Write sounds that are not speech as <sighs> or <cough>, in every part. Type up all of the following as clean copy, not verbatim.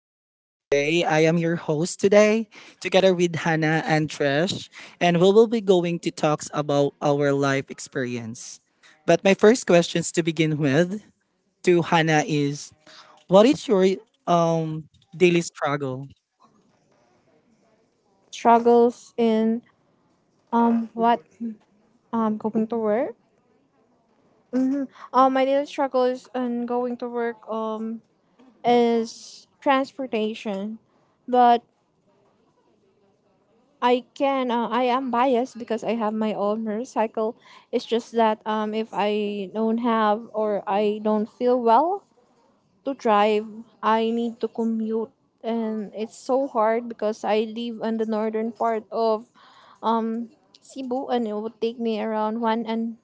This is Jay. I am your host today, together with Hannah and Trish, and we will be going to talks about our life experience. But my first questions to begin with to Hannah is, what is your um daily struggle? Struggles in what going to work. Mm-hmm. My daily struggles in going to work is transportation, but I can I am biased because I have my own motorcycle. It's just that if I don't have or I don't feel well to drive, I need to commute, and it's so hard because I live in the northern part of um Cebu, and it would take me around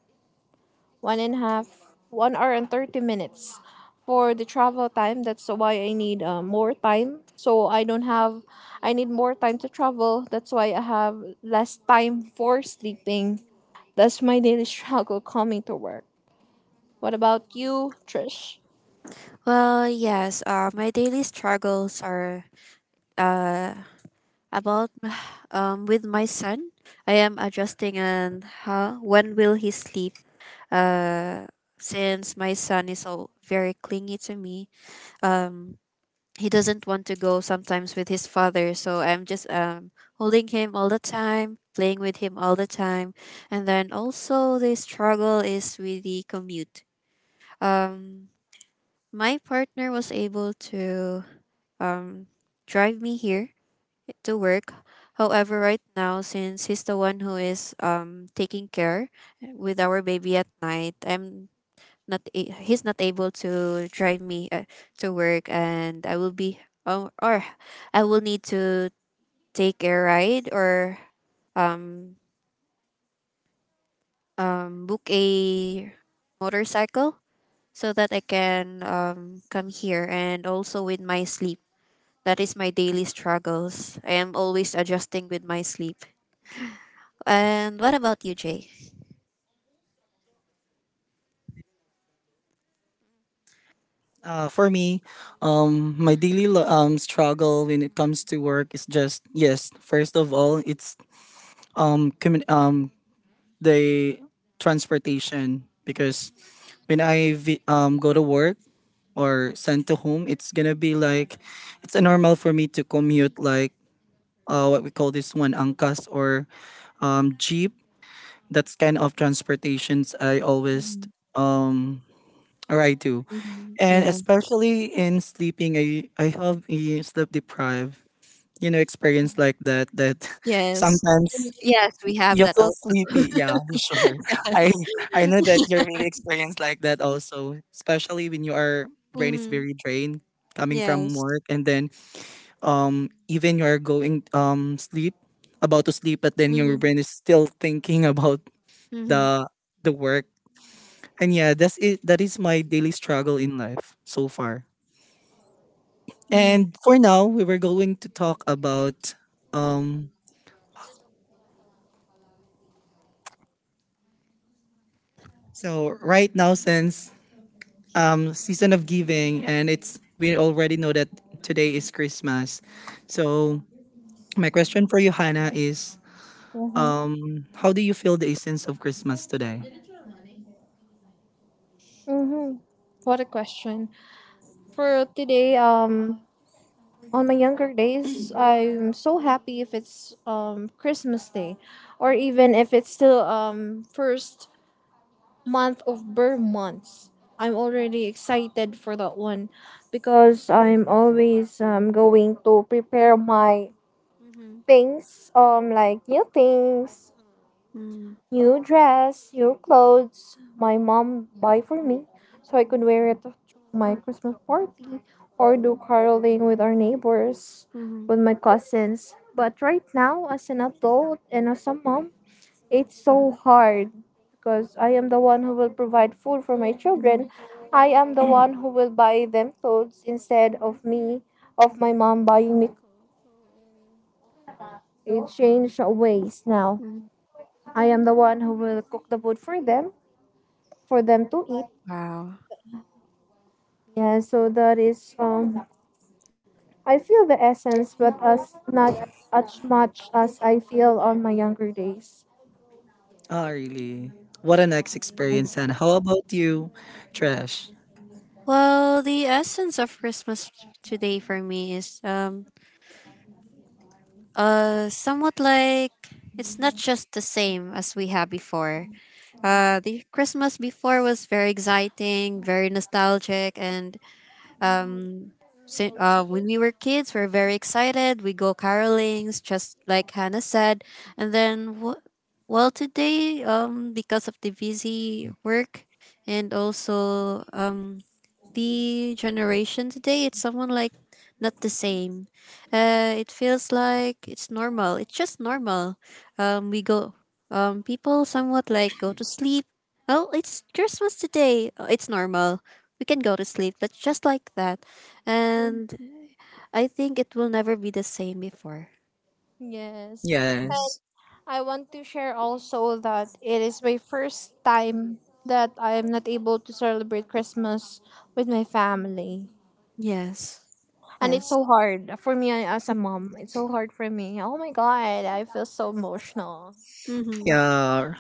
one and a half, 1 hour and 30 minutes for the travel time. That's why I need more time. So I don't have, I need more time to travel. That's why I have less time for sleeping. That's my daily <laughs> struggle coming to work. What about you, Trish? Well, yes. My daily struggles are uh about <sighs> with my son. I am adjusting and how when will he sleep? Uh, since my son is so very clingy to me. Um, he doesn't want to go sometimes with his father, so I'm just holding him all the time, playing with him all the time, and then also the struggle is with the commute. Um, my partner was able to um, drive me here to work. However, right now, since he's the one who is taking care with our baby at night, I'm not a- he's not able to drive me to work, and I will be or I will need to take a ride or um, book a motorcycle so that I can come here and also with my sleep. That is my daily struggles. I am always adjusting with my sleep. And what about you, Jay? For me, my daily struggle when it comes to work is just yes. First of all, it's um commu- um the transportation because when I go to work or sent to home, it's gonna be like it's a normal for me to commute like what we call this one angkas or jeep. That's kind of transportations I always Mm-hmm. um, ride to, and Yeah. especially in sleeping, I have a sleep deprived experience like that that <laughs> Yes. sometimes Yes, we have you that feel also. <laughs> sleepy, yeah, <laughs> sure. Yes. I I know that you're really experienced like that also, especially when you are brain is Mm-hmm. very drained coming from Yes. work and then even you are going sleep about to sleep but then your Mm-hmm. brain is still thinking about Mm-hmm. the the work. And yeah, that's it that is my daily struggle in life so far. Mm-hmm. And for now, we were going to talk about um so right now since season of giving, and it's we already know that today is Christmas. So my question for you, Hannah, is Mm-hmm. um, how do you feel the essence of Christmas today? Mm-hmm. What a question. For today, on my younger days, I'm so happy if it's Christmas Day, or even if it's still first month of Burr months. I'm already excited for that one because I'm always going to prepare my things, like new things, Mm-hmm. new dress, new clothes. My mom buy for me so I could wear it to my Christmas party or do caroling with our neighbors, Mm-hmm. with my cousins. But right now, as an adult and as a mom, it's so hard because I am the one who will provide food for my children. I am the <clears throat> one who will buy them clothes instead of me, of my mom buying me. It changed ways now. Mm-hmm. I am the one who will cook the food for them to eat. Wow. Yeah, so that is. I feel the essence, but as not as much as I feel on my younger days. Oh, really? What an ex experience, Hannah. How about you, Trash? Well, the essence of Christmas today for me is somewhat like it's not just the same as we had before. The Christmas before was very exciting, very nostalgic, and um, So true. when we were kids, we are very excited. We go carolings, just like Hannah said, and then w- well, today, because of the busy work and also the generation today, it's someone like not the same. It feels like it's normal. It's just normal. We go, people somewhat like go to sleep. Oh, it's Christmas today. Oh, it's normal. We can go to sleep, but just like that. And I think it will never be the same before. Yes. Yes. I want to share also that it is my first time that I am not able to celebrate Christmas with my family. Yes. And it's Yes. so hard for me as a mom. It's so hard for me. Oh my god, I feel so emotional. Mm-hmm. Yeah,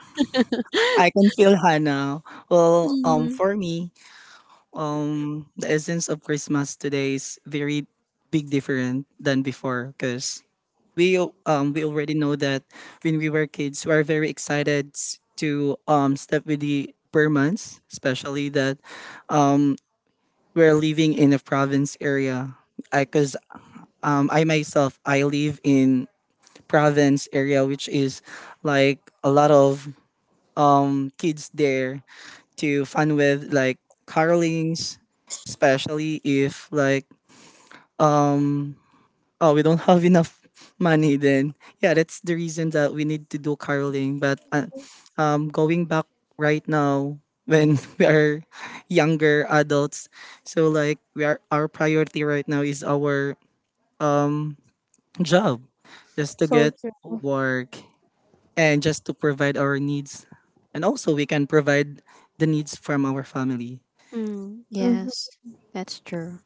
I <laughs> can feel Hannah. Well, Mm-hmm. for me, the essence of Christmas today is very big different than before because we already know that when we were kids, we are very excited to step with the Burmans, especially that um we're living in a province area. I cause I myself I live in province area which is like a lot of kids there to fun with like carlings especially if like um, oh we don't have <laughs> enough money then yeah that's the reason that we need to do caroling but going back right now when <laughs> we are younger adults so like we are our priority right now is our um job just to So get yeah, true. work and just to provide our needs and also we can provide the needs from our family Mm, Mhm. yes, that's true.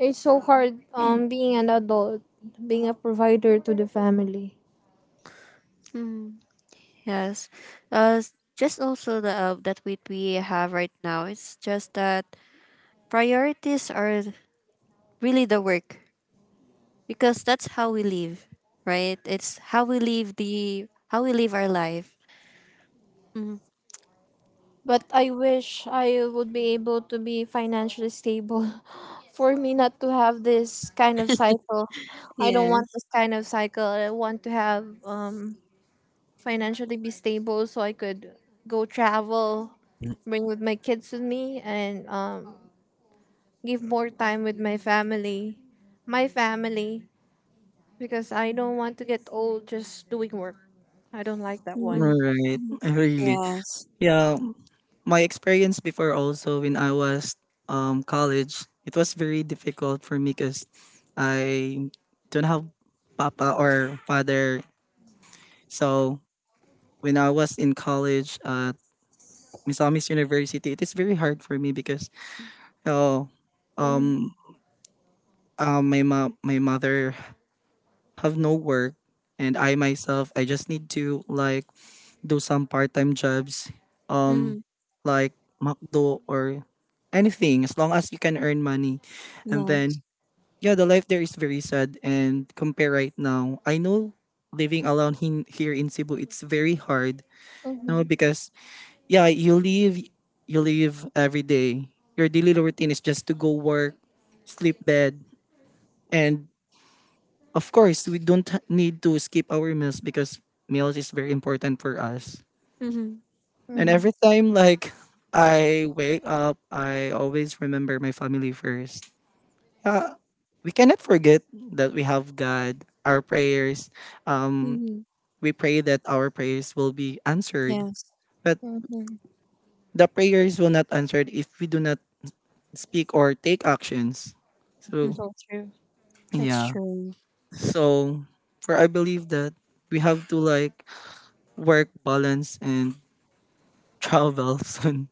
It's so hard being an adult, being a provider to the family. Yes. Just also the that what we have right now. It's just that priorities are really the work, because that's how we live, right? It's how we live our life. Mm-hmm. But I wish I would be able to be financially stable <laughs> for me not to have this kind of cycle. I don't want Yes. this kind of cycle. I want to have financially be stable so I could go travel, bring with my kids with me, and give more time with my family. My family, because I don't want to get old just doing work. I don't like that one. Mm-hmm. all right really Yes. yeah my experience before also when I was college, it was very difficult for me because I don't have papa or father. So when I was in college at Misamis University, it is very hard for me because oh Mm-hmm. um my mother have no work and I myself I just need to like do some part-time jobs, um, Mm-hmm. like McDo or anything, as long as you can earn money. And Yes. then, yeah, the life there is very sad. And compare right now, I know living alone in, here in Cebu, it's very hard. You know, because yeah, you live every day. Your daily routine is just to go work, sleep bed, and of course, we don't need to skip our meals because meals is very important for us. Mm-hmm. And Mm-hmm. every time like I wake up, I always remember my family first. Yeah, we cannot forget that we have God, our prayers. Um, Mm-hmm. we pray that our prayers will be answered, Yes. but Mm-hmm. the prayers will not answered if we do not speak or take actions. So Mm-hmm. So true. That's yeah. true. So for I believe that we have to like work balance and travel <laughs> soon.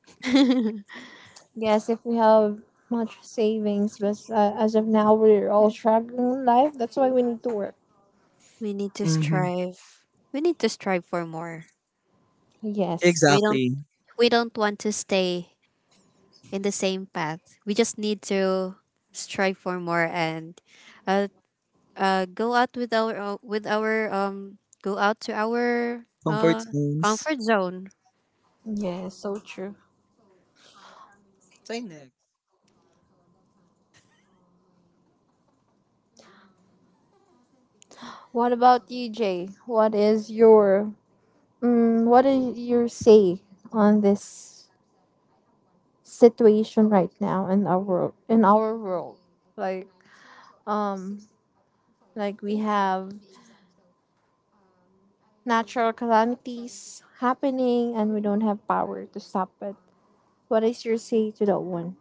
Yes, if we have much savings, but as of now, we're all struggling in life. That's why we need to work. We need to Hmm strive. We need to strive for more. We Yes. don't. Exactly. We don't want to stay in the same path. We just need to strive for more and uh, go out with our go out to our Comfort zones. comfort zone. Yes, so true. Say next. What about you, Jay? What is your what is your say on this situation right now in our world? In our world, like um, like we have natural calamities happening, and we don't have power to stop it. What is your say to that one?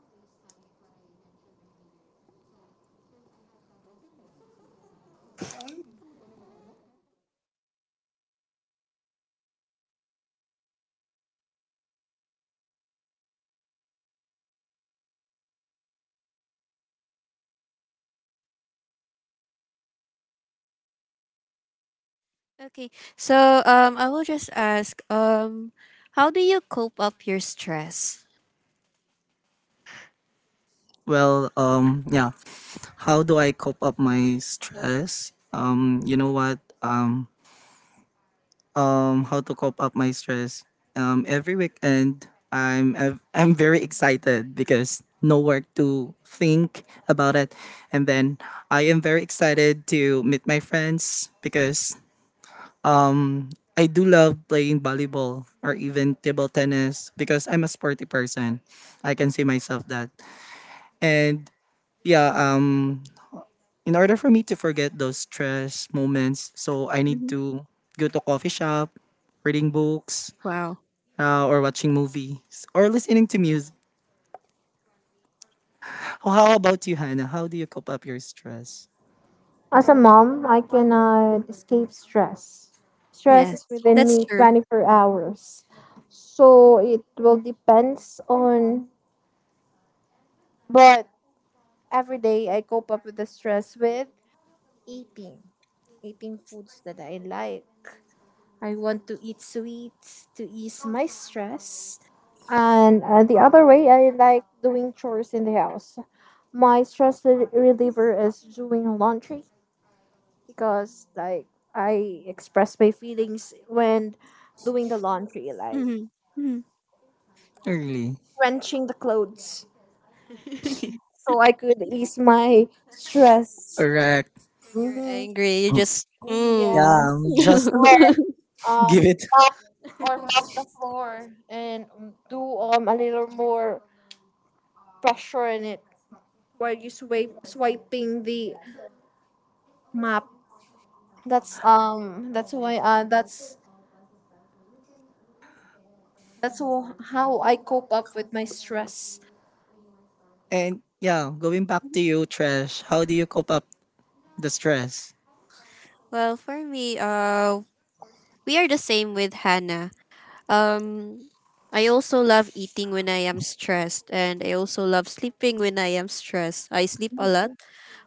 Okay. So I will just ask, how do you cope up your stress? Well, yeah. How do I cope up my stress? You know what? How to cope up my stress? Every weekend I'm very excited because no work to think about it, and then I am very excited to meet my friends because I do love playing volleyball or even table tennis because I'm a sporty person. I can see myself that, and yeah, in order for me to forget those stress moments, so I need Mhm. to go to coffee shop, reading books, Wow. Or watching movies, or listening to music. How about you, Hannah? How do you cope up your stress? As a mom, I cannot escape stress. Stress Yes. is within That's me true. 24 hours. So it will depends on, but every day I cope up with the stress with eating. Eating foods that I like. I want to eat sweets to ease my stress. And the other way, I like doing chores in the house. My reliever is doing laundry because, like, I express my feelings when doing the laundry, like Hmm. Hmm. Really? wrenching the clothes, so I could ease my stress. Correct. When you're hmm angry, you just mm. Yes, Yeah, just or <laughs> <laughs> um, give it. mop, or mop the floor and do a little more pressure in it while you swipe swiping the map. That's how I cope up with my stress. And yeah, going back to you, Trash. How do you cope up the stress? Well, for me, we are the same with Hannah. Um, I also love eating when I am stressed, and I also love sleeping when I am stressed. I sleep a lot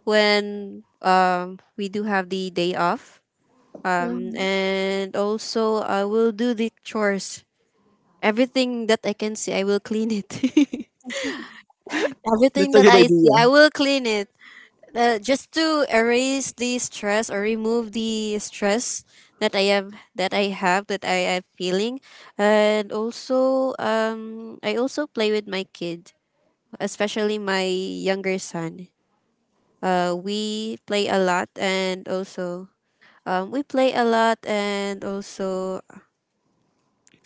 when we do have the day off. Mhm. And also, I will do the chores. Everything that I can see, I will clean it. <laughs> That's Everything a that good I see, I idea. will clean it, just to erase the stress or remove the stress that I am feeling, and also I also play with my kid, especially my younger son. We play a lot, and also um, we play a lot, and also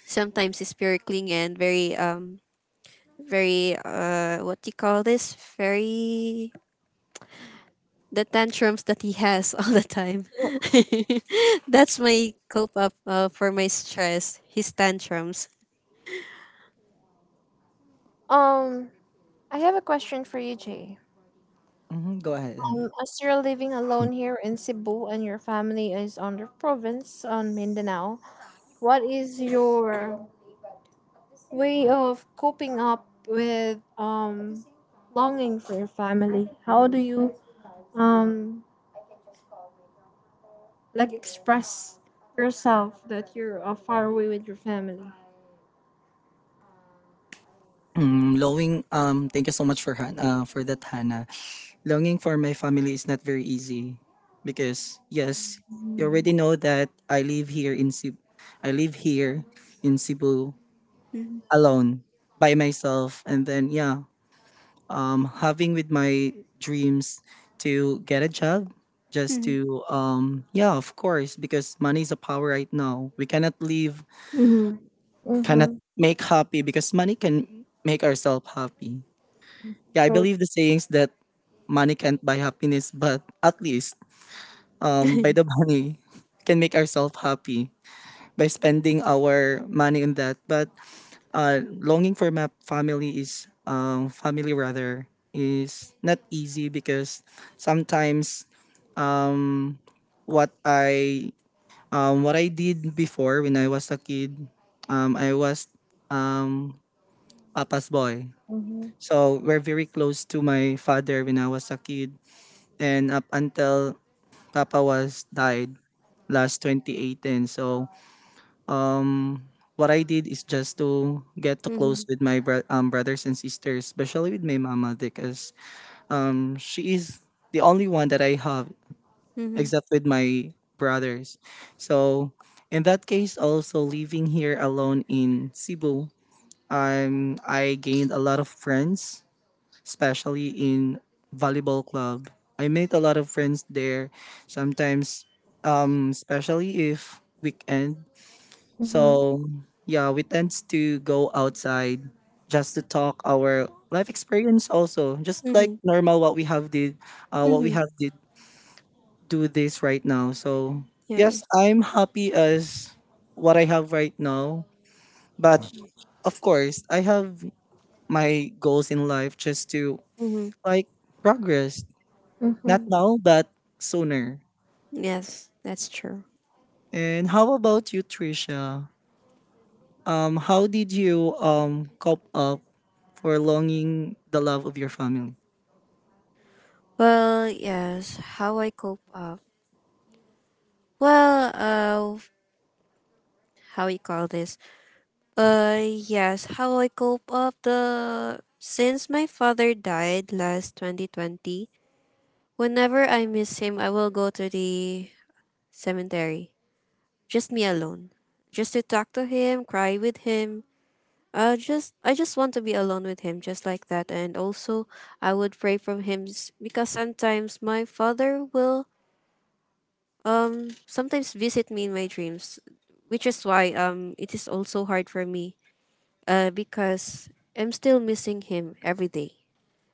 sometimes it's very sparkling and very what do you call this, very the tantrums that he has <laughs> all the time. <laughs> That's my cope up, for my stress. His tantrums. Um, I have a question for you, Jay. Hmm Go ahead. Hannah. As you're living alone here in Cebu and your family is on the province on Mindanao, what is your way of coping up with longing for your family? How do you um like express yourself that you're far away with your family? Mm, lowing. Thank you so much for for that, Hannah. Longing for my family is not very easy because yes, you already Mm-hmm. know that I live here in Cebu. I live here in Cebu Mhm. alone by myself and then yeah, having with my dreams to get a job just Mhm. to yeah, of course because money is a power right now. We cannot live Mm-hmm. Mhm. cannot make happy because money can make ourselves happy. Yeah, I So, believe the sayings that money can't buy happiness, but at least by the <laughs> money <laughs> can make ourselves happy by spending our money on that. But longing for my family is family rather is not easy because sometimes what I what I did before when I was a kid, I was um, Papa's boy. So we're very close to my father when I was a kid, and up until Papa was died last 2018. So um what I did is just to get to close Mhm. with my brothers and sisters, especially with my mama, because she is the only one that I have Mhm. except with my brothers. So in that case, also living here alone in Cebu, I gained a lot of friends, especially in volleyball club. I made a lot of friends there. Sometimes, especially if weekend mm-hmm. so yeah, we tend to go outside just to talk our life experience also, just like Mhm. normal what we have did, what we Mhm. have did do this right now. So yes, Yes. I'm happy as what I have right now, but of course I have my goals in life just to Mhm. like progress. Not Mm-hmm. now, but sooner. Yes, that's true. And how about you, Trisha? How did you cope up for longing the love of your family. Well, yes. How I cope up? Well, how we call this? Yes. How I cope up, the since my father died last 2020. Whenever I miss him, I will go to the cemetery. Just me alone. Just to talk to him, cry with him. Just I just want to be alone with him, just like that. And also, I would pray from him because sometimes my father will sometimes visit me in my dreams, which is why it is also hard for me. Because I'm still missing him every day.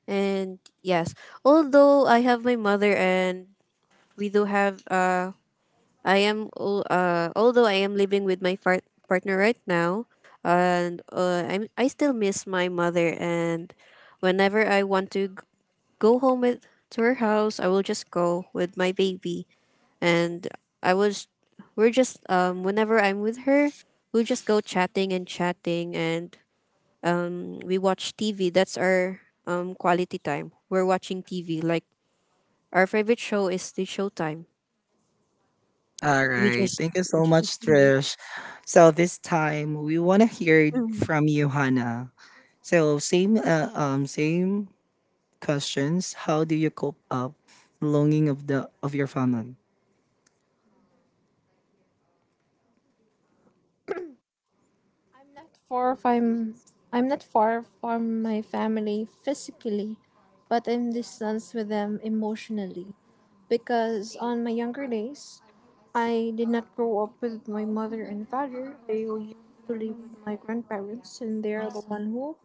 And yes, although I have my mother and we do have although I am living with my partner right now, and I still miss my mother. And whenever I want to go home with, to her house, I will just go with my baby. And I was, we're just, whenever I'm with her, we just go chatting and chatting, and we watch TV. That's our quality time. We're watching TV. Like, our favorite show is the Showtime. All We right. just. Thank you so much, Trish. So this time we want to hear <clears throat> from you, Hannah. So same, same questions. How do you cope up longing of the of your family? I'm not far from I'm not far from my family physically, but I'm distanced with them emotionally because on my younger days, I did not grow up with my mother and father. I used to live with Mm. my grandparents, and they I are the one see. who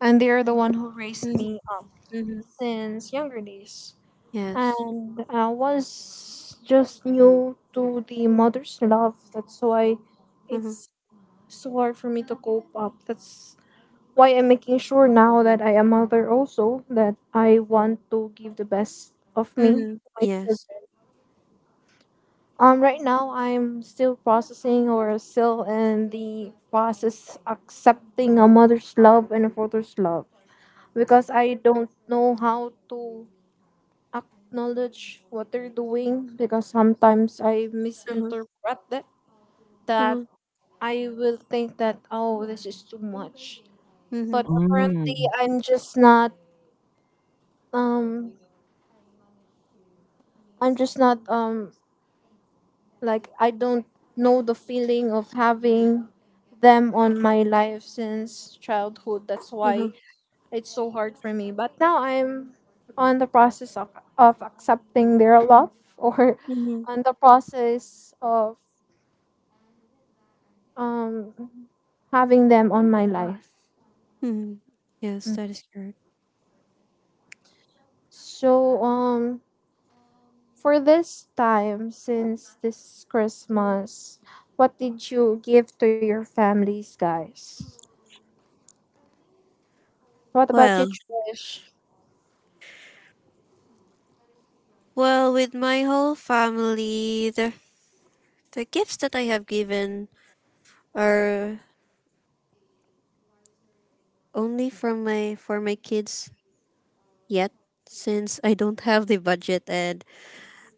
and they are the one who raised Mm-hmm. me up Mm-hmm. since younger days. Yes. And I was just new to the mother's love. That's why it's Mm-hmm. so hard for me to cope up. That's why I'm making sure now that I am mother also, that I want to give the best of me Mm-hmm. to my Yes. children. Right now I'm still processing or still in the process accepting a mother's love and a father's love because I don't know how to acknowledge what they're doing, because sometimes I Uh-huh. misinterpret it, that Uh-huh. I will think that, oh, this is too much, Mm-hmm. but apparently Mm, I'm just not um I'm just not like I don't know the feeling of having them on my life since childhood. That's Uh-huh. why it's so hard for me. But now I'm on the process of accepting their love <laughs> or Mm-hmm. on the process of um having them on my life. Mm-hmm. Yes, that is correct. So for this time, since this Christmas, what did you give to your families, guys? What about Well, you, Trish? well, with my whole family, the gifts that I have given are only from my for my kids yet, since I don't have the budget, and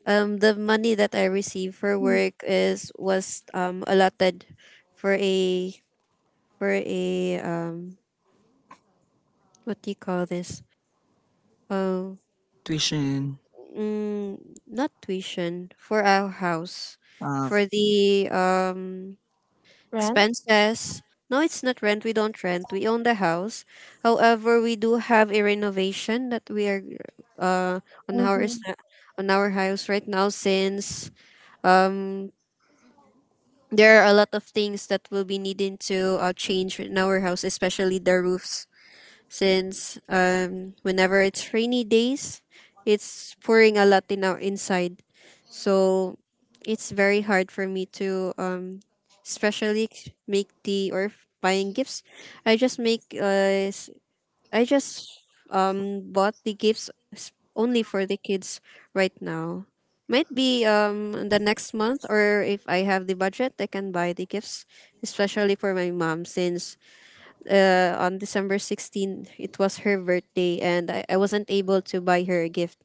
the money that I receive for Mm. work is was allotted for a for a what do you call this. Um, tuition. mm, not tuition, for our house, Uh, for the Rent? expenses. No, it's not rent. We don't rent. We own the house. However, we do have a renovation that we are uh on our s- Mm-hmm. on our house right now, since um there are a lot of things that will be needing to change in our house, especially the roofs, since whenever it's rainy days, it's pouring a lot in our inside. So it's very hard for me to especially make tea or buying gifts. I just make uh s- i just bought the gifts only for the kids right now. Might be the next month, or if I have the budget, I can buy the gifts, especially for my mom, since on December 16th, it was her birthday, and I wasn't able to buy her a gift.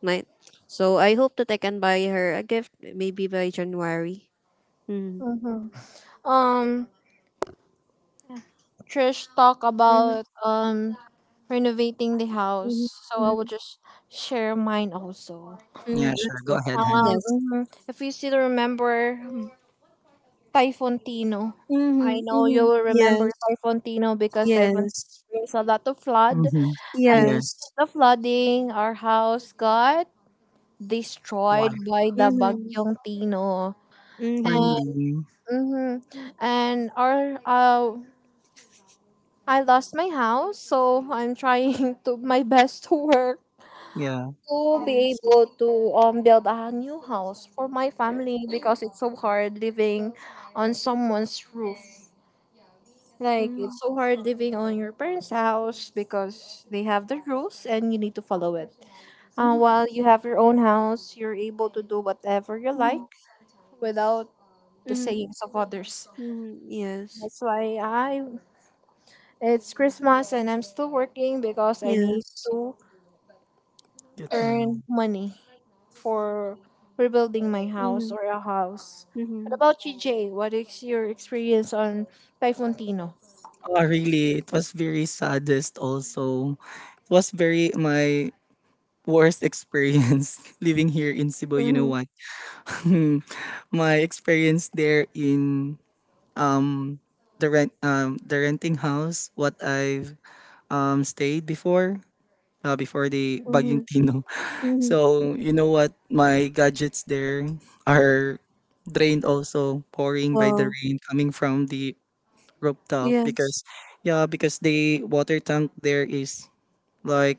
My, so I hope that I can buy her a gift maybe by January. Mm. Mm-hmm. Um, Trish talk Mm-hmm, about renovating the house. So I will mm-hmm, just share mine also. mm-hmm. yeah, sure. Go Okay. ahead, Hannah. Yes. mhm, if you still remember Typhoon Tino, I Mm-hmm, know you mm-hmm. will Yes. remember Typhoon Tino because Typhoon Yes. brings a lot of flood, Mm-hmm. and Yes. because Yes. of the flooding, our house got Why? destroyed by the Mm-hmm, Bagyong Tino. mm-hmm. Really? Mm-hmm. And our I lost my house, so I'm trying <laughs> to my best to work Yeah. to be Yes. able to build a new house for my family because it's so hard living on someone's roof. Like, Mm-hmm, it's so hard living on your parents' house because they have the rules and you need to follow it. While you have your own house, you're able to do whatever you like mm-hmm, without the mm-hmm. sayings of others. Yes. That's why I it's Christmas and I'm still working because I need Yes. to Get me. earn money for rebuilding my house Mm-hmm, or a house. What mm-hmm, about you, Jay? What is your experience on Typhoon Tino? Oh, really? It was very saddest. Also, it was very my Worst experience <laughs> living here in Cebu, you know mm-hmm, what? <laughs> My experience there in um the renting house what I've stayed before before the Bagyong Tino. <laughs> mm-hmm. So, you know what? My gadgets there are drained also pouring by the Wow. rain coming from the rooftop Yes. because yeah, because the water tank there is like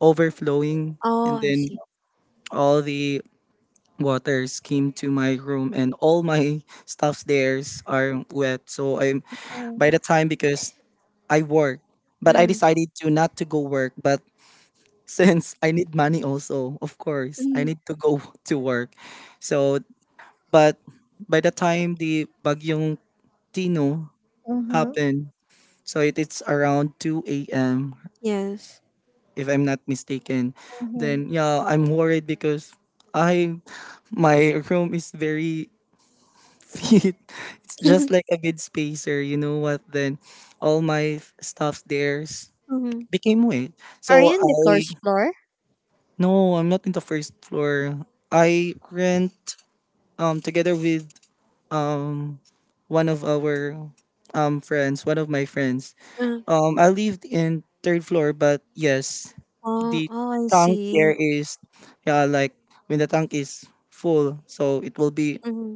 overflowing Oh, and I then see. all the waters came to my room and all my stuffs there are wet so I'm by the time because I work but I Mm. decided to not to go work but <laughs> since I need money also of course I Mm. need to go <laughs> to work so but by the time the bagyong tino Mm-hmm, happened so it, it's around 2 a.m Yes. if I'm not mistaken mm-hmm, then yeah I'm worried because I my <laughs> room is very <laughs> it's just like <laughs> a good spacer. You know what? Then all my stuff theirs Hmm. became weight. Are So you in the I first floor? no, I'm not in the first floor. I rent together with um one of our friends, one of my friends. Uh, I lived in third floor, but yes, oh, the oh, I tank there see. is yeah like when the tank is full, so it will be Mm-hmm.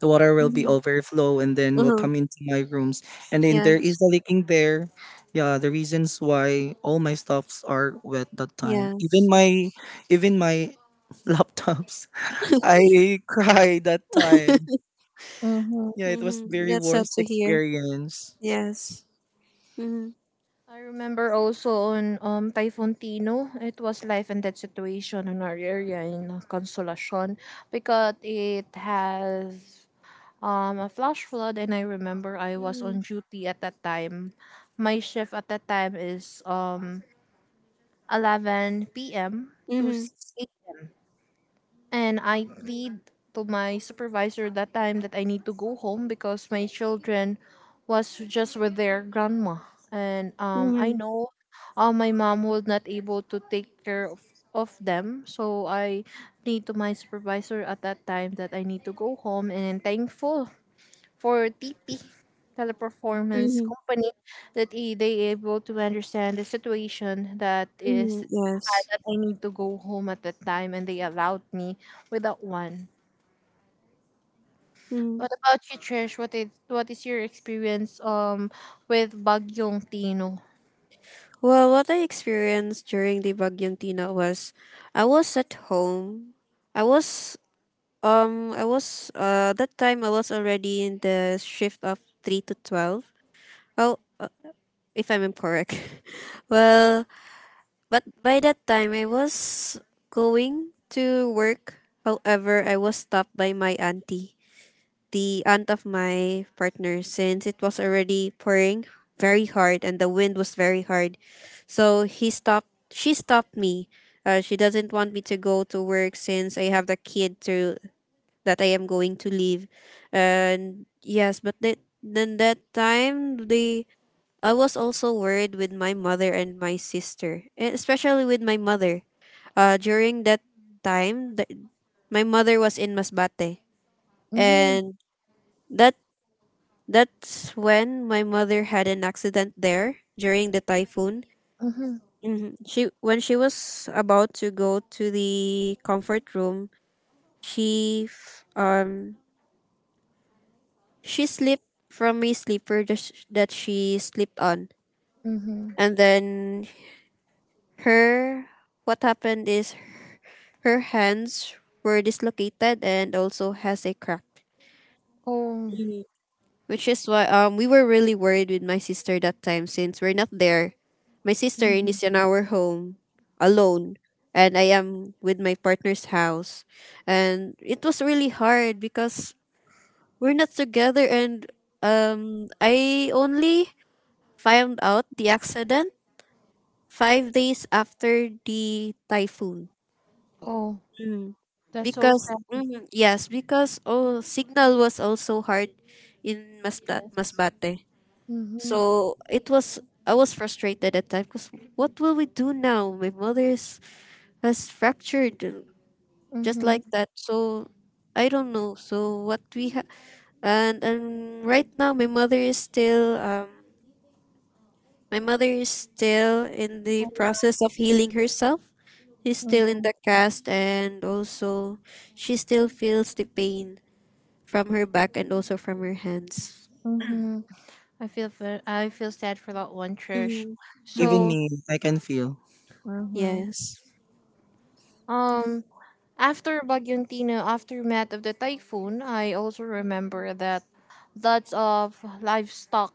the water will be Hmm. overflow and then will Uh-huh. come into my rooms and then there Yes. is a leaking there yeah the reasons why all my stuffs are wet that time Yes. Even my <laughs> laptops I cried that time <laughs> yeah mm-hmm. it was Mm-hmm. very That's sad worst to hear. experience Yes. Mm-hmm. I remember also on Typhoon Tino, it was life and death situation in our area in Consolacion because it has a flash flood, and I remember I was Mm-hmm. on duty at that time. My shift at that time is 11 p.m. to Mm-hmm. 6 a.m. And I plead to my supervisor that time that I need to go home because my children was just with their grandma. And I Mm-hmm. know my mom was not able to take care of them. So I plead to my supervisor at that time that I need to go home, and thankful for TP, teleperformance Mm-hmm. company, that they able to understand the situation, that Mm-hmm. is Yes. that I need to go home at that time, and they allowed me without one. Mm-hmm. What about you, Trish? What is your experience with Bagyong Tino? Well, what I experienced during the Bagyong Tina was I was at home. I was I was that time I was already in the shift of three to twelve. Oh, if I'm correct. <laughs> Well, but by that time I was going to work. However, I was stopped by my auntie, the aunt of my partner, since it was already pouring very hard and the wind was very hard. So he stopped. She stopped me. She doesn't want me to go to work since I have the kid to that I am going to leave. And yes, but then that time they I was also worried with my mother and my sister, especially with my mother. During that time, my mother was in Masbate, Mm-hmm, and that that's when my mother had an accident there during the typhoon. mm-hmm, Hmm. She when she was about to go to the comfort room, she f- um she slipped from a sleeper that that she slipped on. mm-hmm. And then her what happened is her hands were dislocated and also has a crack. Oh, Which is why we were really worried with my sister that time since we're not there. My sister mm-hmm. is in our home alone and I am with my partner's house. And it was really hard because we're not together, and I only found out the accident 5 days after the typhoon. Oh, Mm. that's so Because sad. mhm, yes, because oh signal was also hard in Masbate, Masbate. Mm-hmm, So it was, I was frustrated at time because what will we do now, my mother is has fractured, just like mm-hmm, that. So I don't know so what we have. And right now my mother is still my mother is still in the process of healing herself. She's still in mm-hmm, the cast, and also she still feels the pain from her back and also from her hands. mm-hmm. I feel sad for that one, Trish. Mm-hmm. Mm-hmm. even Mm-hmm. So, me I can feel mhm, Yes. um, after Bagyontina, aftermath of the typhoon, I also remember that lots of livestock,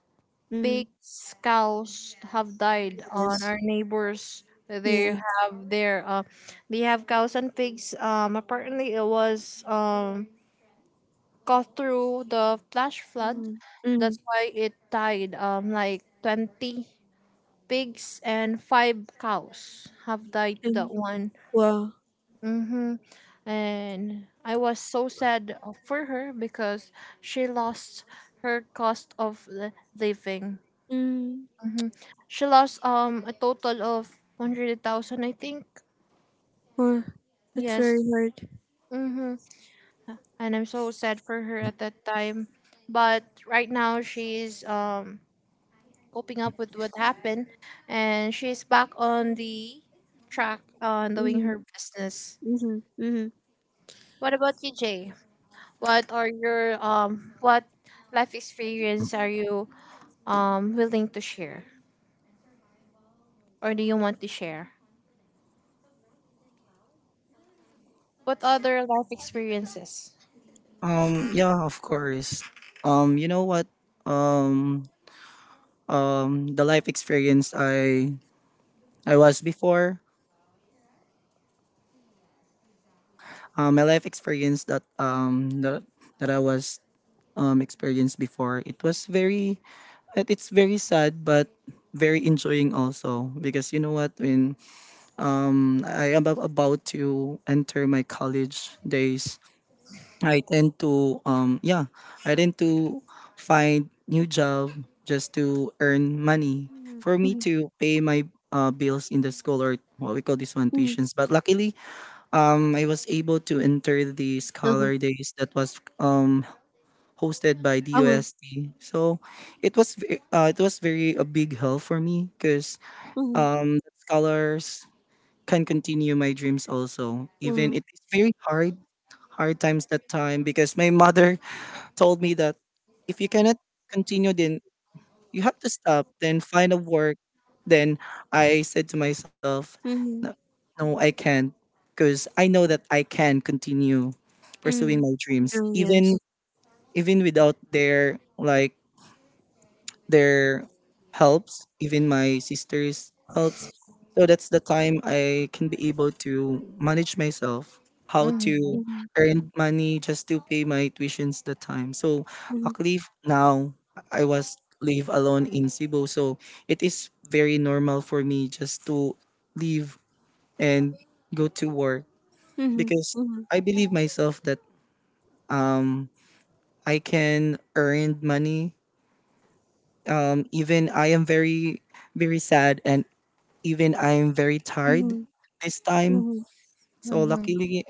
Mm-hmm. pigs, cows have died on Yes. our neighbors. Yeah. They have their they have cows and pigs. Apparently it was caught through the flash flood. Mm-hmm. Mm-hmm. That's why it died. Like 20 pigs and five cows have died to that one. Wow. Hmm And I was so sad for her because she lost her living. Mm-hmm. She lost a total of 100,000, I think. Wow. That's very Yes. hard. Mm-hmm. And I'm so sad for her at that time, but right now she's coping up with what happened, and she's back on the track on doing Mm-hmm. her business. Mm-hmm. Mm-hmm. What about you, Jay? What are your what life experience are you willing to share, or do you want to share? What other life experiences? Yeah of course you know what um the life experience i was before. My life experience that that I was experienced before it was very it's very sad but very enjoying also because you know what when I am about to enter my college days I tend to yeah I tend to find new job just to earn money for me Mm-hmm. to pay my bills in the school or what we call this one Mm-hmm. tuitions but luckily I was able to enter the Uh-huh. Scholar Days that was hosted by Uh-huh. DUSD. So it was it was very a big help for me because Mm-hmm. The scholars can continue my dreams also. Even it is very hard times that time because my mother told me that if you cannot continue the you have to stop, then find a work. Then I said to myself, Mm-hmm. no, no I can't. Because I know that I can continue pursuing Mm-hmm. my dreams, Mm-hmm. even Yes. Without their like their helps, even my sister's helps. So that's the time I can be able to manage myself, how to Mhm. Mm-hmm. earn money just to pay my tuitions the time. So actually now I was live alone in Cebu, so it is very normal for me just to leave and go to work Mhm, because mhm, I believe myself that um I can earn money. Even I am very, very sad, and even I am very tired mhm, this time. mhm, So Mhm. luckily,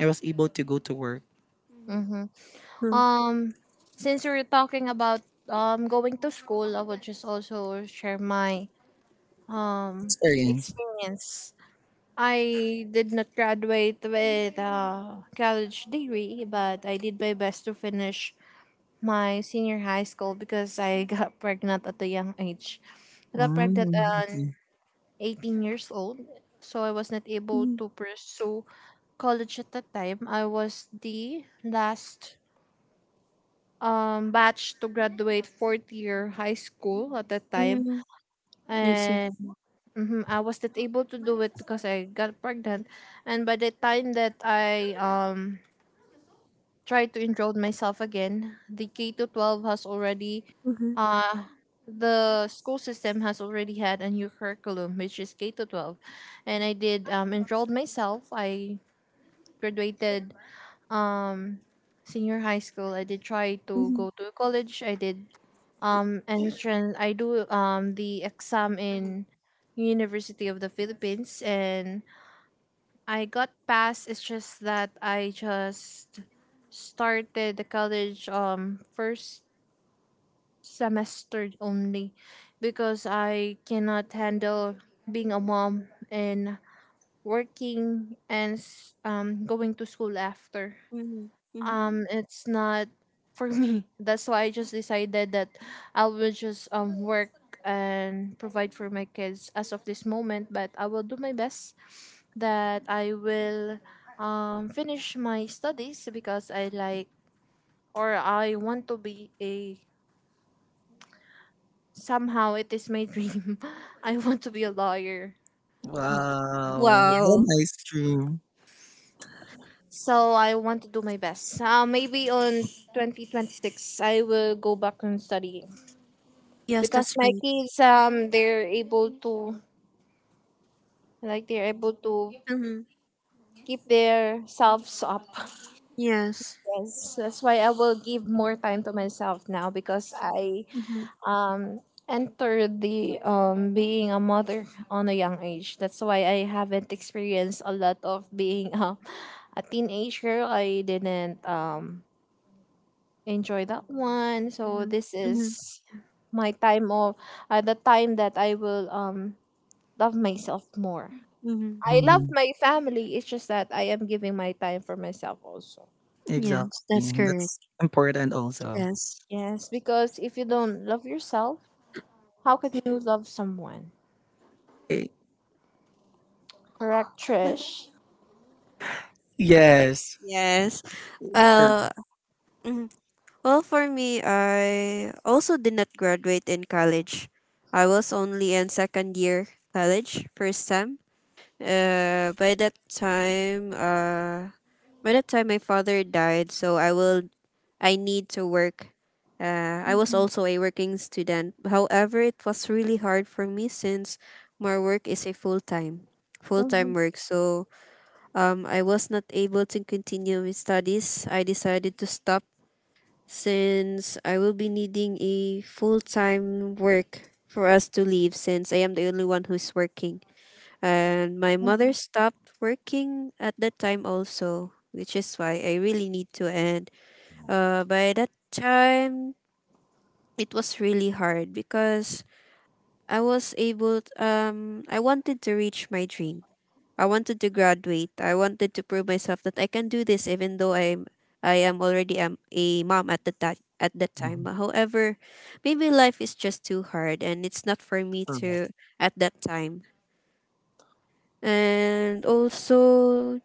I was able to go to work. mhm, Mhm. mhm, mhm, Um, since we're talking about going to school, I would just also share my um Experience. experience. I did not graduate with a college degree, but I did my best to finish my senior high school because I <laughs> got pregnant at a young age. I got Mm, pregnant at okay. 18 years old, so I was not able to pursue college at that time. I was the last batch to graduate fourth year high school at that time, mhm. I see. and mhm, I was not able to do it because I got pregnant. And by the time that I try to enroll myself again. The K to 12 has already, Mhm, uh, the school system has already had a new curriculum, which is K to 12. And I did enrolled myself. I graduated um, senior high school. I did try to mhm, go to college. I did entrance. I do the exam mhm, in University of the Philippines and I got past. It's just that I just started the college first semester only because I cannot handle being a mom and working and going to school after mhm, mhm. It's not for me. <laughs> That's why I just decided that I will just work and provide for my kids as of this moment, but I will do my best that I will finish my studies because I like or I want to be a, somehow it is my <laughs> dream, I want to be a lawyer. Wow. Wow, what a Wow. nice dream. So I want to do my best. Maybe on 2026, I will go back and study. Yes, Because that's my great. kids they're able to they're able to Mhm. keep their selves up. Yes. Yes, that's why I will give more time to myself now because I Mhm, um entered the being a mother on a young age. That's why I haven't experienced a lot of being a teenager. I didn't enjoy that one, so mhm, this mhm, is my time of the time that I will love myself more. mhm. I love Mhm. my family. It's just that I am giving my time for myself also. Yes, that's Exactly, correct. that's important also. Yes. Yes, because if you don't love yourself, how can you love someone? Eh, Correct, Trish. yes, Yes. correct. Uh, mhm. Well, for me, I also did not graduate in college. I was only in second year college, first sem. Uh, by that time, uh, by that time my father died, so I need to work. I was Mhm, also a working student. However, it was really hard for me since my work is a full mhm, time work. So I was not able to continue with studies. I decided to stop since I will be needing a full time work for us to leave since I am the only one who's working. And my mother mhm, stopped working at that time also, which is why I really need to end. By that time, it was really hard because I was able t- I wanted to reach my dream. I wanted to graduate. I wanted to prove myself that I can do this even though I am already am a mom at the time at that time. Mhm. However, maybe life is just too hard and it's not for me Correct. to at that time. And also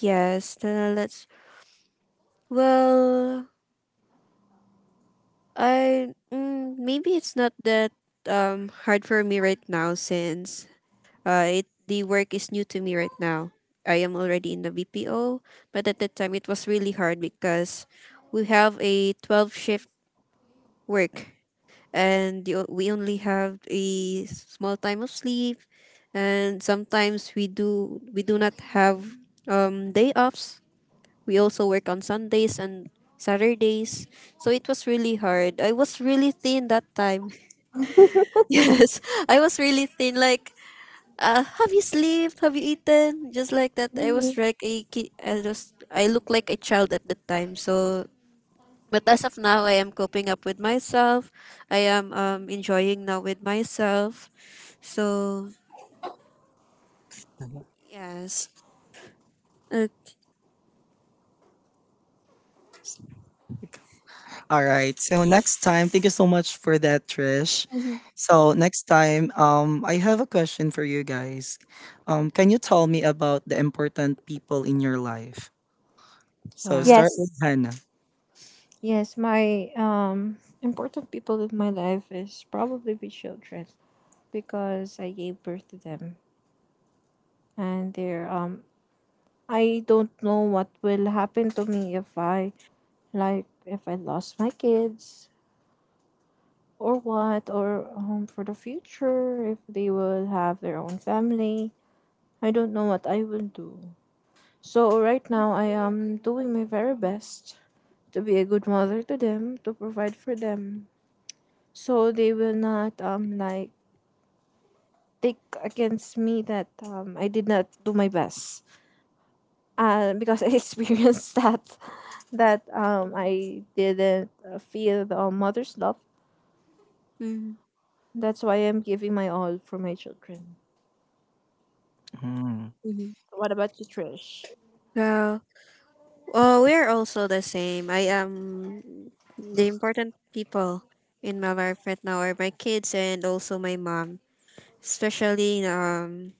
yes, let's, well, maybe it's not that hard for me right now since it the work is new to me right now. I am already in the BPO, but at that time it was really hard because we have a 12 shift work, and you we only have a small time of sleep, and sometimes we do not have day offs. We also work on Sundays and Saturdays. So it was really hard. I was really thin that time. <laughs> Yes, I was really thin. Like, have you slept? Have you eaten? Just like that. I was mhm. like a kid. I was. I looked like a child at that time. So, but as of now, I am coping up with myself. I am enjoying now with myself. So yes. Okay. All right. So next time, thank you so much for that, Trish. Mhm. So next time, I have a question for you guys. Can you tell me about the important people in your life? So Wow. start Yes. with Hannah. Yes, my important people in my life is probably my children because I gave birth to them, and they're I don't know what will happen to me if I, like, if I lost my kids or what, or for the future, if they will have their own family, I don't know what I will do. So right now I am doing my very best to be a good mother to them, to provide for them, so they will not like take against me that I did not do my best. Because I <laughs> experienced that, that I didn't feel the mother's love. Mm-hmm. That's why I'm giving my all for my children. Mm. What about you, Trish? Well, oh, we are also the same. I am the important people in my life right now are my kids and also my mom. Especially um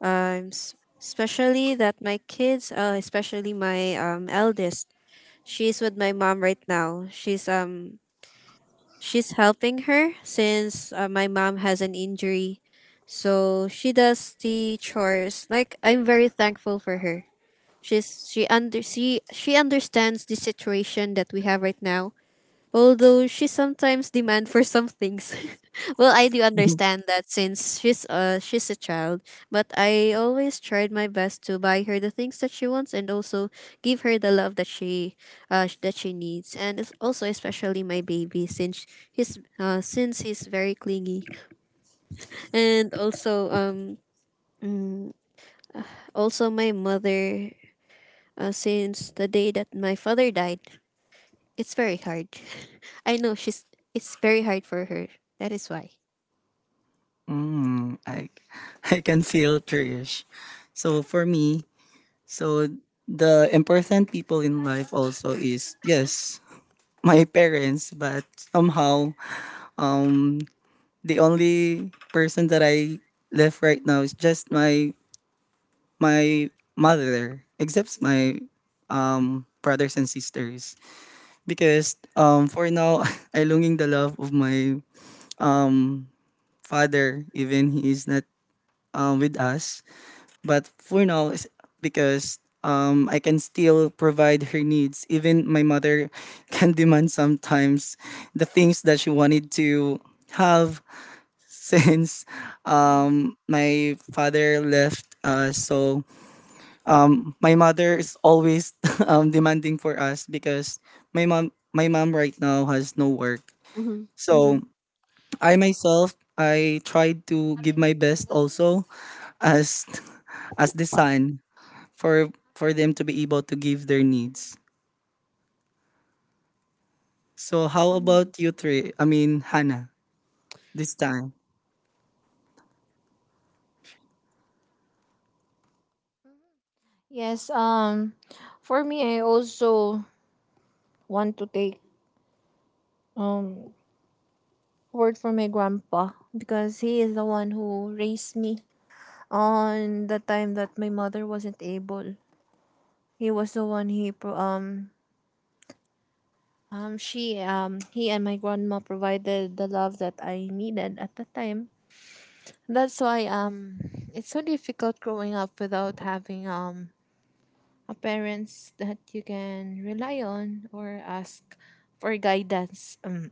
um s- especially that my kids, especially my eldest. She's with my mom right now. She's helping her since my mom has an injury. So she does the chores. Like, I'm very thankful for her. She understands the situation that we have right now. Although she sometimes demand for some things. <laughs> Well, I do <laughs> understand that since she's a child, but I always tried my best to buy her the things that she wants and also give her the love that she that she needs. And it's also especially my baby since he's very clingy and also mm, also my mother. Since the day that my father died, it's very hard. <laughs> I know she's. It's very hard for her. That is why. Mm, I, I can feel Trish. So for me, so the important people in life also is, yes, my parents, but somehow um the only person that I left right now is just my mother, except my brothers and sisters. Because for now <laughs> I longing the love of my father, even he is not with us. But for now it's because I can still provide her needs. Even my mother <laughs> can demand sometimes the things that she wanted to have since Mm-hmm. My father left us. So my mother is always <laughs> demanding for us because my mom right now has no work. Mm-hmm. Yes. Mm-hmm. So I myself I tried to Happy. give my best also as <laughs> as the son for them to be able to give their needs. So how Mm, about you three, I mean, Hannah, this time? Yes, for me I also want to take um word from my grandpa because he is the one who raised me on the time that my mother wasn't able. He was the one, he pro- she he and my grandma provided the love that I needed at the time. That's why it's so difficult growing up without having parents that you can rely on or ask for guidance.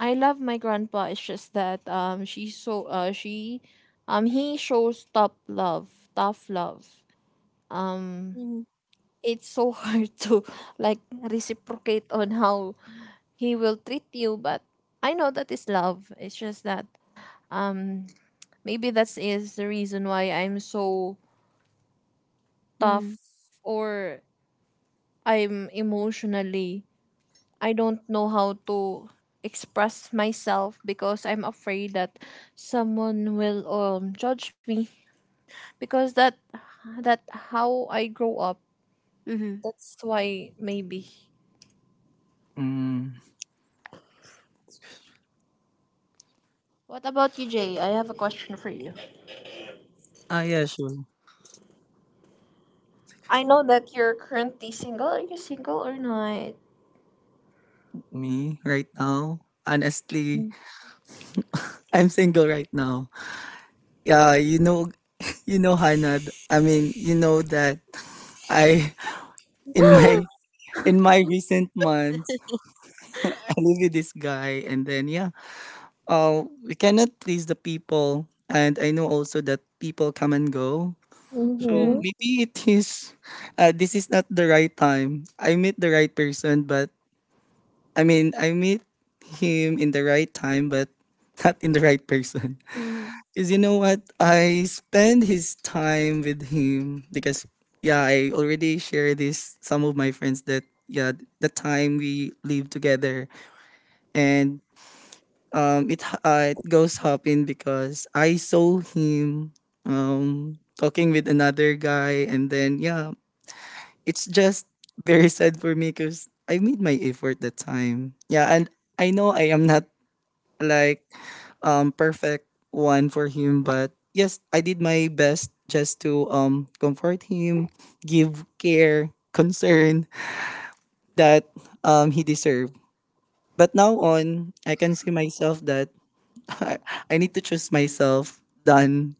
I love my grandpa. It's just that she so she he shows tough love, tough love. Um, mm, it's so <laughs> hard to like reciprocate on how he will treat you, but I know that is love. It's just that um maybe that is the reason why I'm so yeah. tough, or I'm emotionally, I don't know how to express myself because I'm afraid that someone will judge me because that how I grow up. Mm-hmm. That's why, maybe. Mm. What about you, Jay? I have a question for you. Ah, yeah, sure. I know that you're currently single. Are you single or not? Me right now, honestly, <gasps> I'm single right now. Yeah, you know, Hanad. I mean, you know that I in my in my recent months I live with this guy, and then, yeah, we cannot please the people, and I know also that people come and go. So Mm-hmm. Mm-hmm. maybe it is, this is not the right time. I meet the right person, but I mean, I meet him in the right time, but not in the right person. Mm-hmm. Is you know what? I spend his time with him because, yeah, I already share this some of my friends that, yeah, the time we live together and it goes happen because I saw him talking with another guy, and then, yeah, it's just very sad for me cuz I made my effort that time. Yeah, and I know I am not like perfect one for him, but yes I did my best just to comfort him, give care concern that he deserved. But now on I can see myself that <laughs> i I need to choose myself than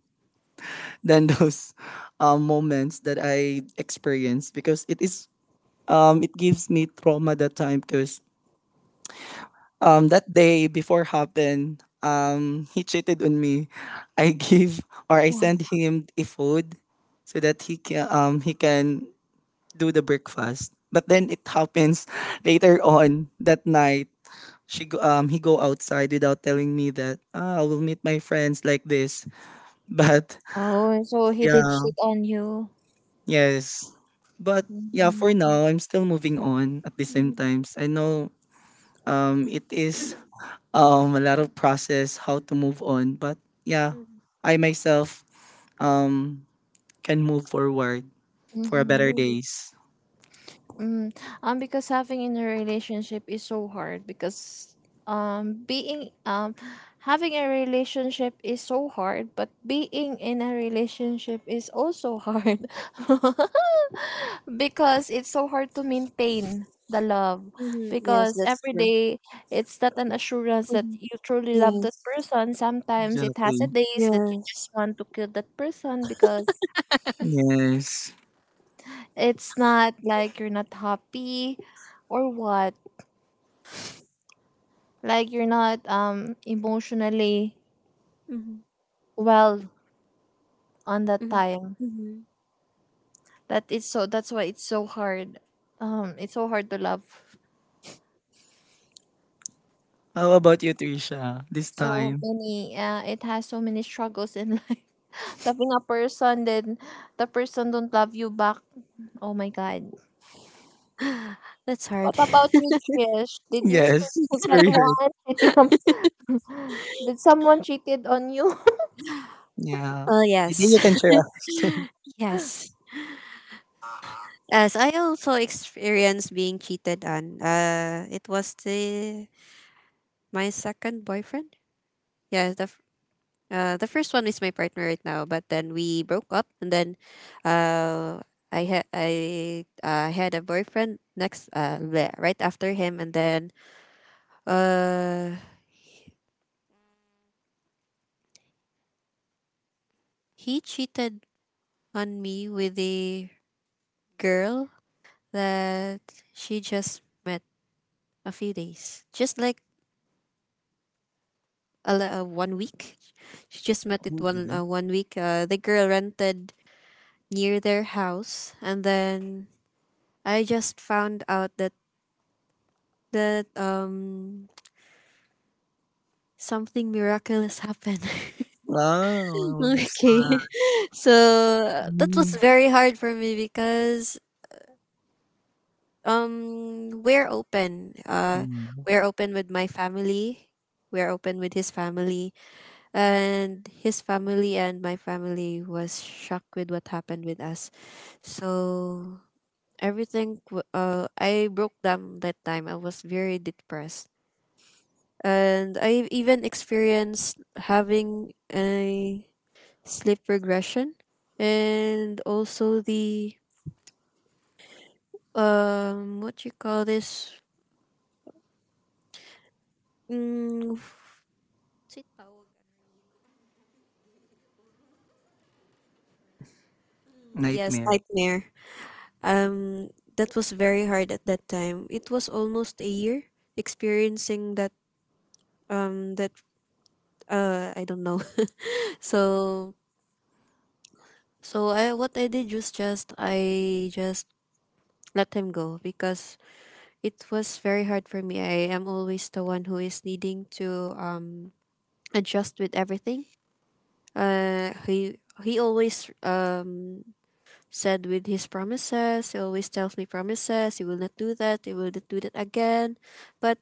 <laughs> those moments that I experienced because it is it gives me trauma that time because that day before happened he cheated on me. I give or I Yeah. send him a food so that he can do the breakfast, but then it happens <laughs> later on that night she go, he go outside without telling me that, ah, I will meet my friends like this. <laughs> But Oh, so he did yeah, cheat on you. yes, but yeah, for Mm-hmm. now I'm still moving on. At the same Mm. times I know it is a lot of process how to move on, but yeah, I myself um can move forward for a better Mm-hmm. days. Mm, because having in a relationship is so hard because being having a relationship is so hard, but being in a relationship is also hard <laughs> because it's so hard to maintain the love Hmm. Yes, because that's every true. day it's not an assurance that Mm-hmm. you truly love that Yes. person. Sometimes it has Exactly. a days that you just Yes. want to kill that person because Yes. it's not like you're not happy or what, like you're not emotionally Mm-hmm. well on that Mm-hmm. time. Mm-hmm. That is so, that's why it's so hard, it's so hard to love, How about you, Trisha, this so time? many, it has so many struggles in life, <laughs> loving a person then the person don't love you back. Oh my god. That's What hard. about <laughs> you, Trish, did you Yes, experience it's that very hard. one? <laughs> Cheating on, did someone cheated on you? Yeah, Well, maybe yes. you can share a <laughs> Yes. As I also experienced being cheated on. It was the my second boyfriend? Yeah, the first one is my partner right now, but then we broke up, and then uh, I had a boyfriend next right after him, and then uh he cheated on me with a girl that she just met a few days, just like 1 week. She just met it movie. 1 week. The girl rented near their house, and then I just found out that that um something miraculous happened. <laughs> Wow, it's Okay. hard. <laughs> So that was Mm. very hard for me because we're open. Mm. We're open with my family. We're open with his family, and his family and my family was shocked with what happened with us. So I broke down that time. I was very depressed. And I even experienced having a sleep regression, and also the what you call this, what's it tawag? Mm, yes, Nightmare. nightmare. um that was very hard at that time. It was almost a year experiencing that, um that I don't know. <laughs> So so I what I did was just I just let him go because it was very hard for me. I am always the one who is needing to adjust with everything. He always said with his promises. He always tells me promises. He will not do that. He will not do that again. But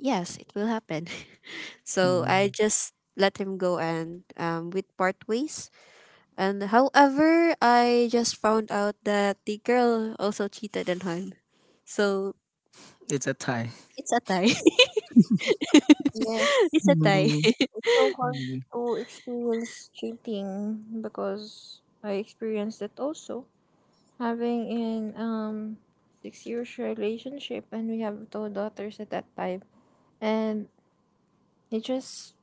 yes, it will happen. <laughs> So I Mm. just let him go and with part ways. And however, I just found out that the girl also cheated on him. So It's a tie. it's a tie. <laughs> <laughs> Yes. <laughs> It's a tie. Mm. It's so hard Mm. to experience cheating because I experienced it also. Having in 6 years relationship and we have two daughters at that time, and he just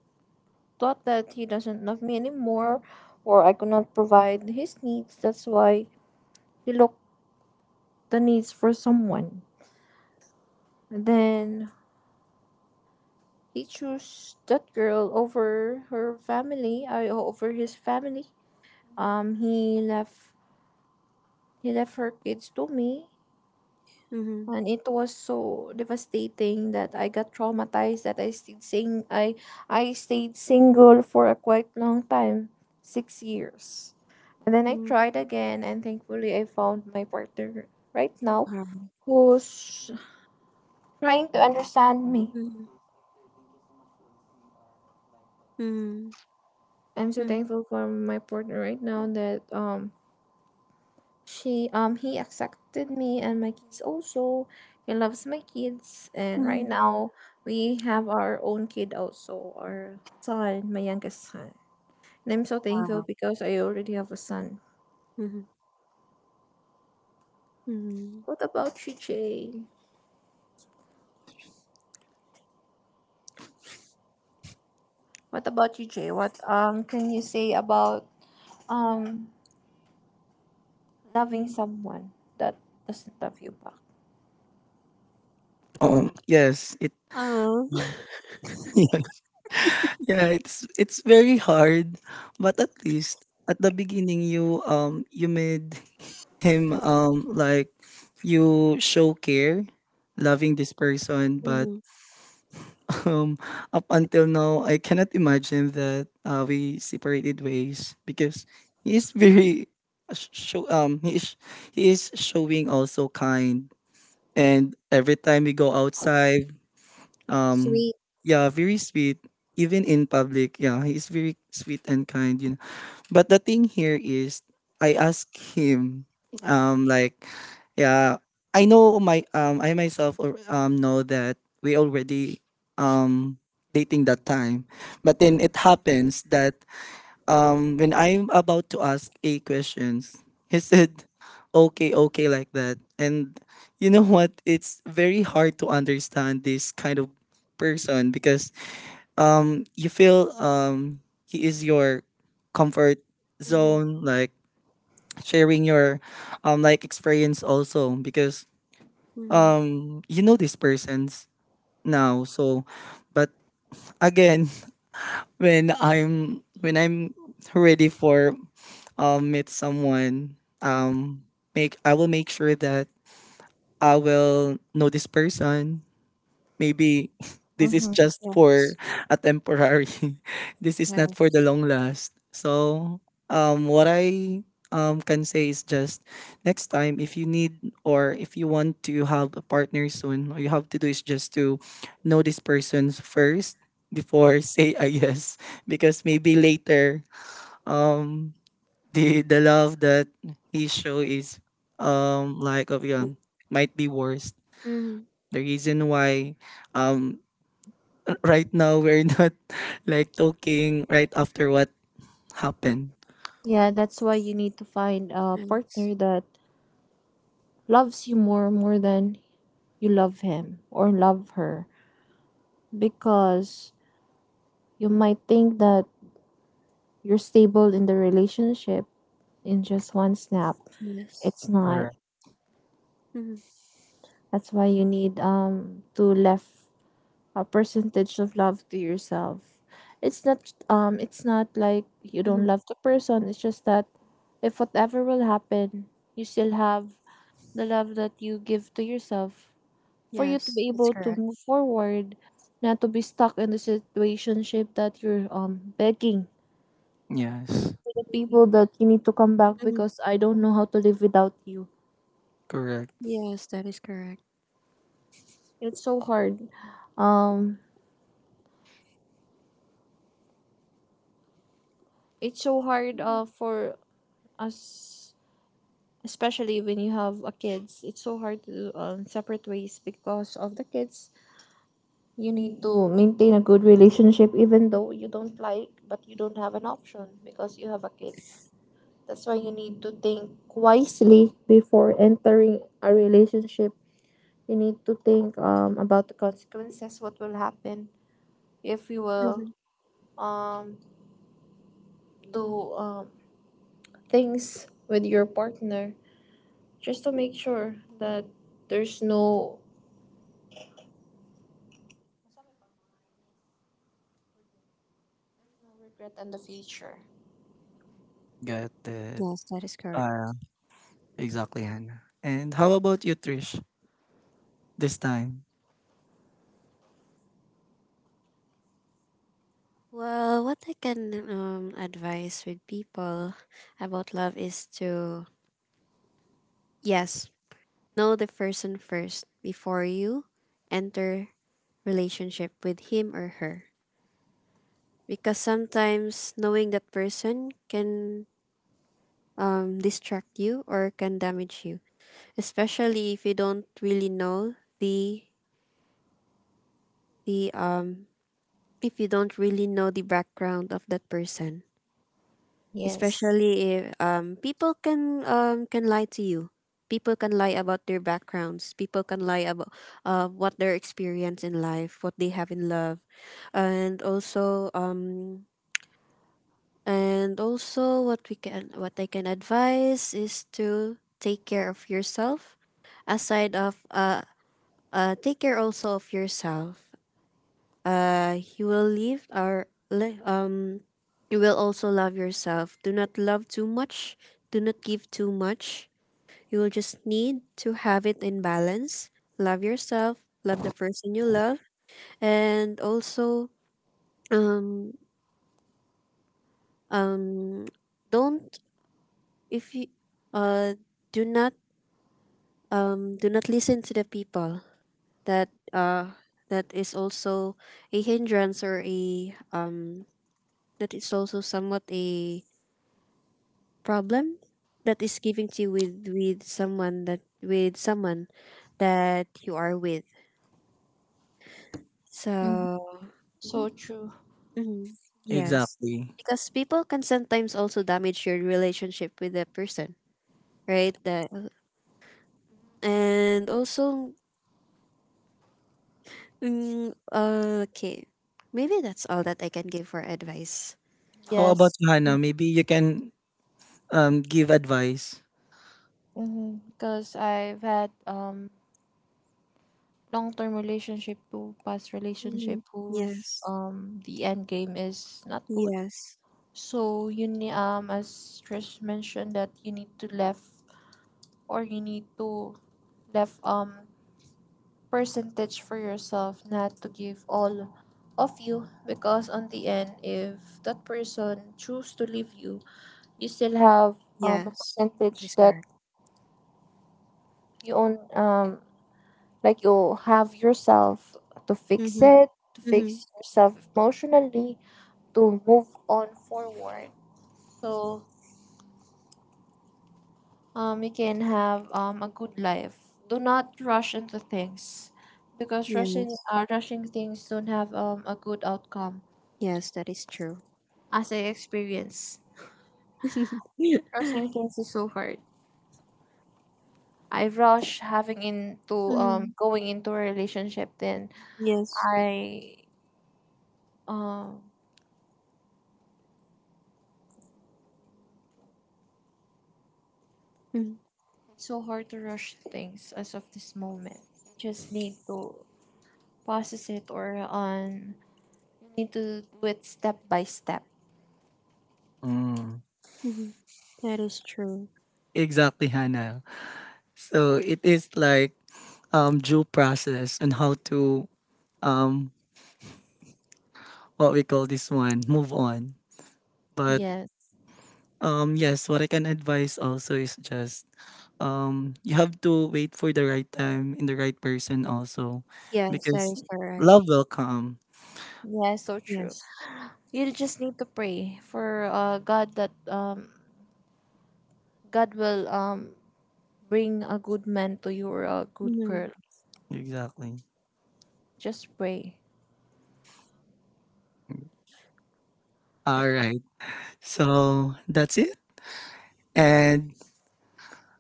thought that he doesn't love me anymore or I could not provide his needs. That's why he looked the needs for someone. And then he chose that girl over her family, I over his family. He left, he left her kids to me. Mhm. And it was so devastating that I got traumatized that I stayed single for a quite long time, 6 years. And then I Mm. tried again, and thankfully I found my partner right now Wow. who's trying to understand me. Mhm. Mhm. I'm so Mhm. thankful for my partner right now that She he accepted me and my kids also. He loves my kids, and right Mhm. now we have our own kid also, our son, my youngest son. And I'm so thankful Wow. because I already have a son. Mhm. Mhm. What about you, Jay? What can you say about um loving someone that doesn't love you back? Oh yes, it Oh. <laughs> yeah, it's very hard, but at least at the beginning you you made him like you show care, loving this person. <laughs> But Mhm. <laughs> um up until now, I cannot imagine that we separated ways because he is very, sh- show he is showing also kind. And every time we go outside, Sweet. Sweet. Yeah, very sweet, even in public. Yeah, he's very sweet and kind, you know. But the thing here is I ask him like, yeah, I know my I myself or know that we already um dating that time. But then it happens that when I'm about to ask a questions, he said, "Okay, okay," like that. And you know what? It's very hard to understand this kind of person because you feel he is your comfort Mhm. zone, like sharing your like experience also because Mhm. You know these persons now. So but again, <laughs> when I'm ready for meet someone, um make I will make sure that I will know this person. Maybe <laughs> this is Mhm. just Yeah. for a temporary. <laughs> This is not for Yes. the long last. So what I can say is just next time if you need or if you want to have a partner soon, all you have to do is just to know this person first before <laughs> say a yes, because maybe later um the love that he show is like of Yeah. yun might be worse. Mhm. The reason why um <laughs> right now we're not <laughs> like talking right after what happened. Yeah, that's why you need to find a Yes. partner that loves you more, more than you love him or love her, because you might think that you're stable in the relationship in just one snap. Yes. It's All not. right. Mhm. That's why you need to left a percentage of love to yourself. It's not like you don't Mhm. love the person. It's just that if whatever will happen, you still have the love that you give to yourself for you to Yes. be That's able to correct. move forward, not to be stuck in the situationship that you're begging Yes, for the Mhm. people that you need to come back Mhm. because I don't know how to live without you. correct. Yes, that is correct. It's so hard. Um, it's so hard Mhm. For us, especially when you have a kids. It's so hard to separate ways because of the kids. You need to maintain a good relationship even though you don't like, but you don't have an option because you have a kids. That's why you need to think wisely before entering a relationship. You need to think about the consequences, what will happen if you will Mhm. um, do things with your partner, just to make sure that there's no, no regret in the future. Got that. Yes, that is Uh, correct. exactly, Hannah. And how about you, Trish, this time? Well, what I can advise with people about love is to, yes, know the person first before you enter relationship with him or her. Because sometimes knowing that person can distract you or can damage you, especially if you don't really know the if you don't really know the background of that person. Yes. Especially if people can lie to you. People can lie about their backgrounds. People can lie about what their experience in life, what they have in love. And also and also what we can what I can advise is to take care of yourself. Aside of take care also of yourself, you will live or li- you will also love yourself. Do not love too much. Do not give too much. You will just need to have it in balance. Love yourself. Love the person you love, and also um um don't, if you uh do not, do not listen to the people that uh that is also a hindrance or a that is also somewhat a problem that is giving to you with with someone that you are with. Mhm. So So true. mhm, yes, Exactly. because people can sometimes also damage your relationship with that person, right? that And also mm, okay, maybe that's all that I can give for advice. How Yes. about you, Hannah? Maybe you can give advice. Mhm. Because I've had long-term relationship to past Mm-hmm. relationship whose Yes. The end game is not good. Yes. So you need as Trish mentioned that you need to left or you need to left percentage for yourself, not to give all of you, because on the end if that person choose to leave you, you still have a Yes, that percentage is that correct. you own. Like you have yourself to fix Mm-hmm. it, to Mm-hmm. fix yourself emotionally, to move on forward. So you can have a good life. Do not rush into things, because rushing Yes. Rushing things don't have a good outcome, Yes, that is true. as I experience. Rushing <laughs> things is so hard. I rush having into Mm-hmm. Going into a relationship, then Yes. I um Mm-hmm. it's so hard to rush things as of this moment. Just need to process it or on need to do it step by step. Mm. Mm-hmm. That is true. Exactly, Hannah. So it is like due process and how to um what we call this one move on. But Yes. Yes, what I can advise also is just you have to wait for the right time and the right person also, Yes, that because is correct. love will come. Yes, so true. Yes. You just need to pray for God that God will bring a good man to you or a good girl. Mm-hmm. Exactly. Just pray. All right, so that's it. And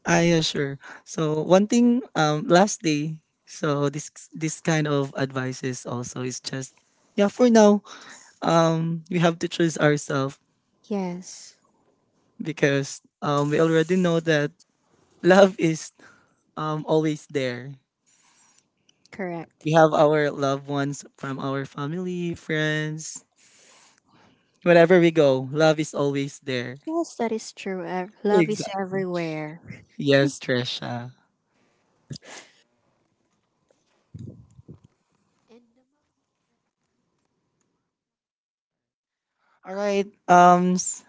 I, yeah, sure. So one thing, um, last day, so this kind of advices also is just, yeah, for now, we have to choose ourselves Yes, because, we already know that love is, always there. correct. We have our loved ones from our family, friends, wherever we go. Love is always there. Yes, that is true. Ev- Love is Exactly. everywhere. Yes, Trisha. End the All right.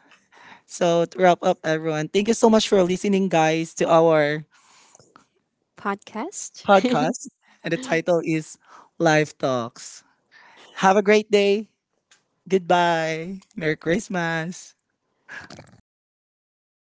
So to wrap up, everyone, thank you so much for listening, guys, to our podcast. podcast. And the title is Life Talks. Have a great day. Goodbye. Merry Christmas.